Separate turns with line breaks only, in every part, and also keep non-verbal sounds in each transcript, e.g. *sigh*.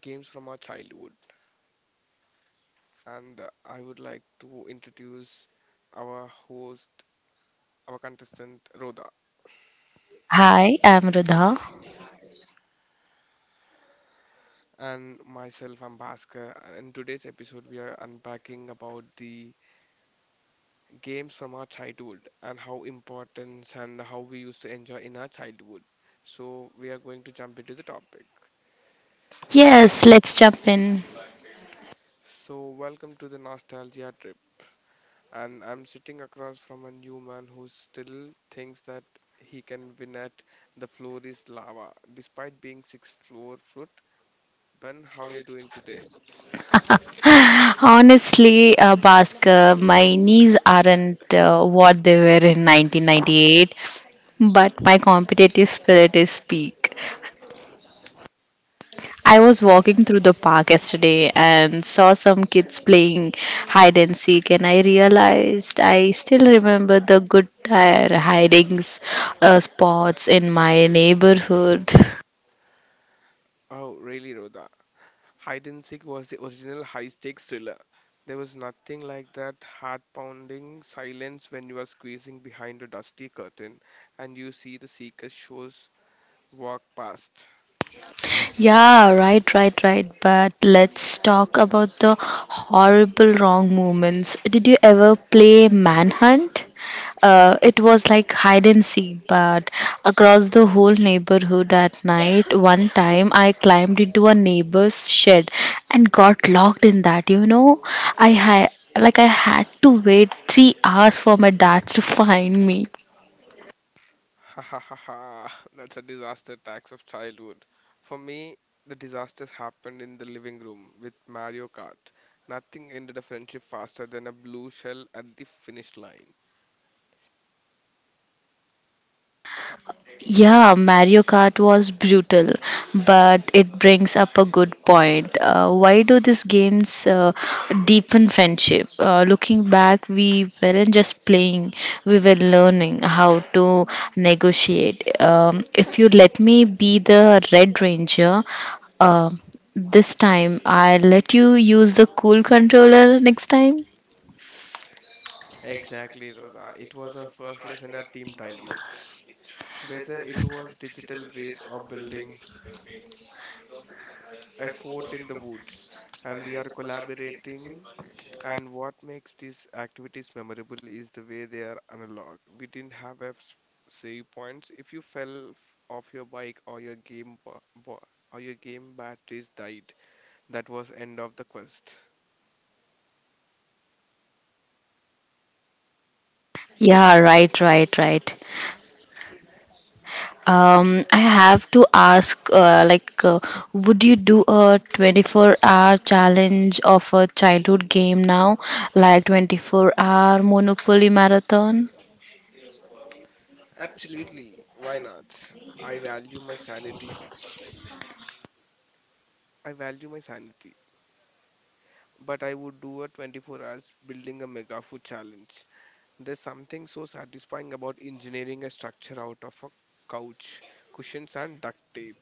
games from our childhood, and I would like to introduce our host, our contestant Rhoda,
Hi, I'm Rudha.
and myself. I'm Bhaskar, and in today's episode we are unpacking about the games from our childhood and how importance and how we used to enjoy in our childhood. So we are going to jump into the topic. So
Yes, let's jump in.
so welcome to the nostalgia trip. And I'm sitting across from a new man who still thinks that he can win at the floor is lava, despite being six floor foot. Ben, how you doing today?
Honestly, Bhaskar, my knees aren't what they were in 1998, but my competitive spirit is peak. I was walking through the park yesterday and saw some kids playing hide and seek, and I realized I still remember the good tire hiding spots in my neighborhood. *laughs*
Oh, really, Rhoda? Hide and seek was the original high stakes thriller. There was nothing like that heart pounding silence when you are squeezing behind a dusty curtain and you see the seeker shows walk past.
Yeah, right, right, right. But let's talk about the horrible wrong movements. Did you ever play Manhunt? It was like hide and seek, but across the whole neighborhood at night. One time I climbed into a neighbor's shed and got locked in that. I had I had to wait 3 hours for my dad to *laughs* find me.
Ha ha ha ha. That's a disaster tax of childhood. For me, the disaster happened in the living room with Mario Kart. Nothing ended a friendship faster than a blue shell at the finish line.
Yeah, Mario Kart was brutal, but it brings up a good point. Why do these games deepen friendship? Looking back, we weren't just playing, we were learning how to negotiate. If you let me be the Red Ranger, uh, this time I'll let you use the cool controller next time.
Exactly, Rhoda. It was our first lesson at team dynamics. Whether it was digital race or building a fort in the woods, and we are collaborating. And what makes these activities memorable is the way they are analog. We didn't have a s- Save points. If you fell off your bike or your or your game batteries died, that was end of the quest.
Yeah, right, right, right. I have to ask, like, would you do a 24-hour challenge of a childhood game now, like 24-hour Monopoly marathon?
Absolutely, why not? I value my sanity. I value my sanity. But I would do a 24-hour hours building a mega food challenge. There's something so satisfying about engineering a structure out of a couch, cushions, and duct tape.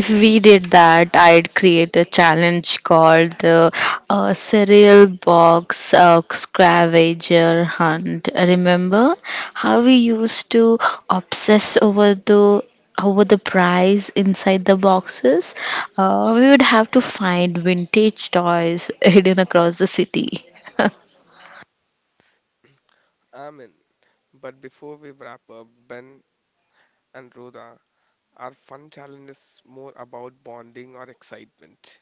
If we did that, I'd create a challenge called the cereal box scavenger hunt. Remember how we used to obsess over the prize inside the boxes? We would have to find vintage toys *laughs* hidden across the city. *laughs*
Amen. But before we wrap up, Ben and Rhoda, our fun challenge is more about bonding or excitement.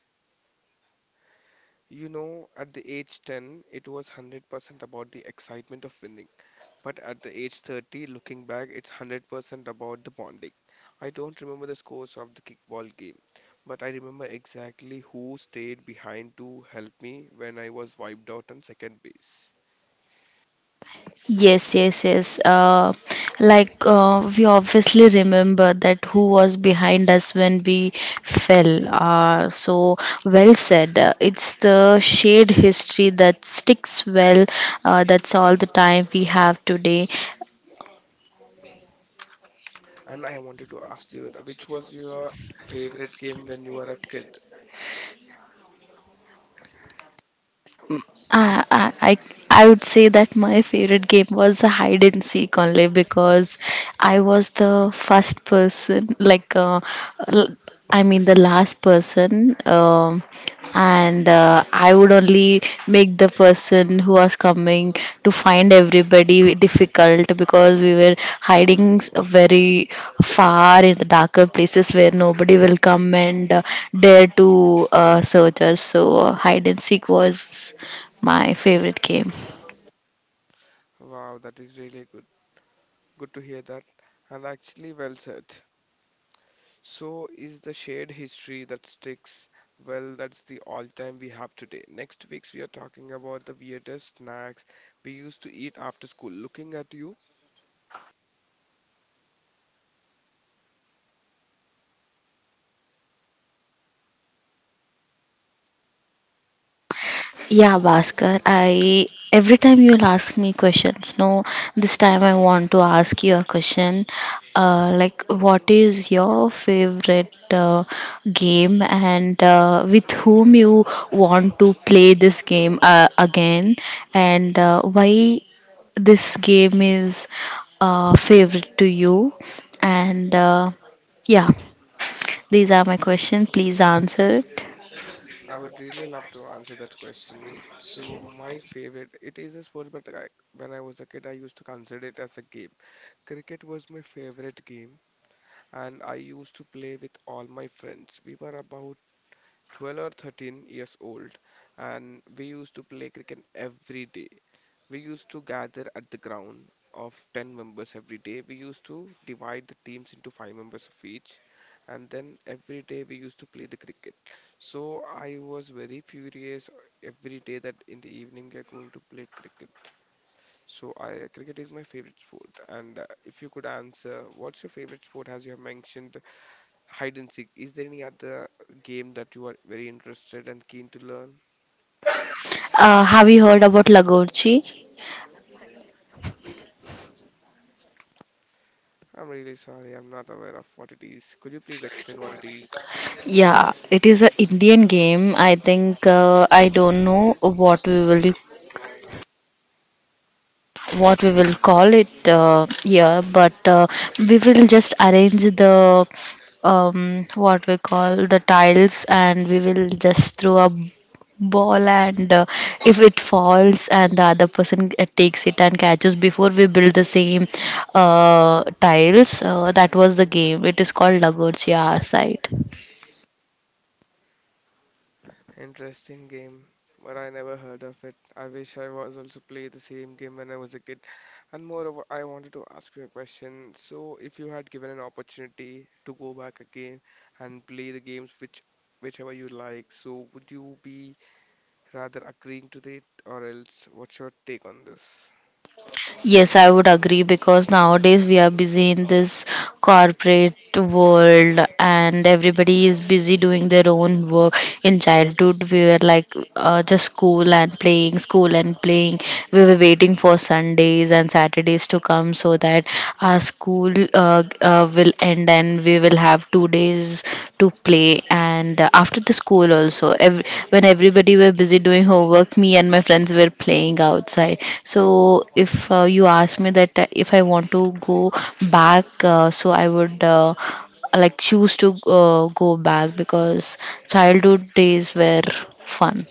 You know, at the age 10, it was 100% about the excitement of winning. But at the age 30, looking back, it's 100% about the bonding. I don't remember the scores of the kickball game, but I remember exactly who stayed behind to help me when I was wiped out on second base.
Yes, yes, yes. Like, we obviously remember that who was behind us when we fell. So well said. It's the shared history that sticks well. That's all the time we have today.
And I wanted to ask you, Rhoda, which was your favorite game when you were a kid?
I, I, I I would say that my favorite game was hide and seek only because I was the first person, l- the last person. And I would only make the person who was coming to find everybody difficult because we were hiding very far in the darker places where nobody will come and dare to search us. So hide and seek was my favorite game.
Wow, that is really good. Good to hear that. And actually, well said. So, is the shared history that sticks? Well, that's the all time we have today. Next week's we are talking about the weirdest snacks we used to eat after school. Looking at you,
Yeah, Bhaskar, I every time you'll ask me questions. No, this time I want to ask you a question. What is your favorite game, and with whom you want to play this game again, and why this game is favorite to you? And yeah, these are my questions. Please answer it.
I would really love to answer that question. So, my favorite, it is a sport, but I, when I was a kid, I used to consider it as a game. Cricket was my favorite game, and I used to play with all my friends. We were about 12 or 13 years old, and we used to play cricket every day. We used to gather at the ground of 10 members. Every day we used to divide the teams into 5 members of each, and then every day we used to play the cricket. So I was very furious every day that in the evening we are going to play cricket. So i cricket is my favorite sport, and if you could answer what's your favorite sport as you have mentioned hide and seek. Is there any other game that you are very interested and keen to learn?
Have you heard about Lagorchi?
I'm really sorry, I'm not aware of what it is. Could you please explain what it is?
Yeah, it is a Indian game. I think I don't know what we will call it here, but we will just arrange the what we call the tiles, and we will just throw a ball, and if it falls and the other person takes it and catches before we build the same tiles. That was the game. It is called lagorcia our side.
Interesting game, but I never heard of it. I wish I was also play the same game when I was a kid. And moreover, I wanted to ask you a question. So, if you had given an opportunity to go back again and play the games which whichever you like, so would you be rather agreeing to it or else? What's your take on this?
Yes, I would agree because nowadays we are busy in this corporate world, and everybody is busy doing their own work. In childhood, we were like just school and playing, school and playing. We were waiting for Sundays and Saturdays to come so that our school will end and we will have 2 days to play. And after the school also, when everybody were busy doing homework, me and my friends were playing outside. So if you ask me that if I want to go back, so I would. Like, choose to go back because childhood days were fun.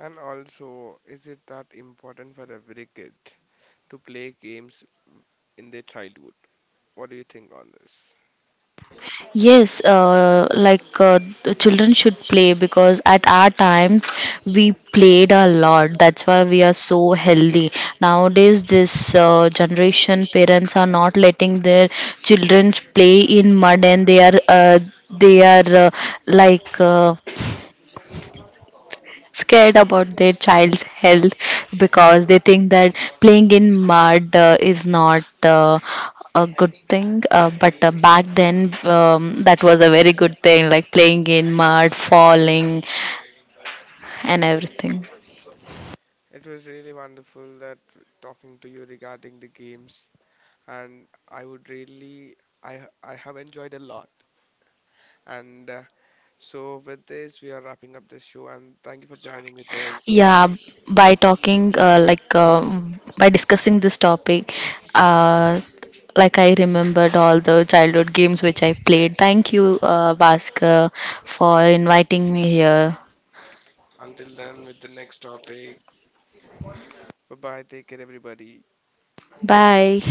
And also, is it that important for every kid to play games in their childhood? What do you think on this?
Yes, the children should play because at our times we played a lot. That's why we are so healthy. Nowadays, this generation parents are not letting their children play in mud, and they are like. Uh, scared about their child's health because they think that playing in mud is not a good thing, but back then, that was a very good thing, like playing in mud, falling and everything.
It was really wonderful that talking to you regarding the games, and I would really, I have enjoyed a lot. And so with this, we are wrapping up this show, and thank you for joining with us, Rhoda.
Yeah, by talking by discussing this topic, uh, I remembered all the childhood games which I played. Thank you, Bhaskar, for inviting me here.
Until then, with the next topic. Bye bye. Take care, everybody.
Bye.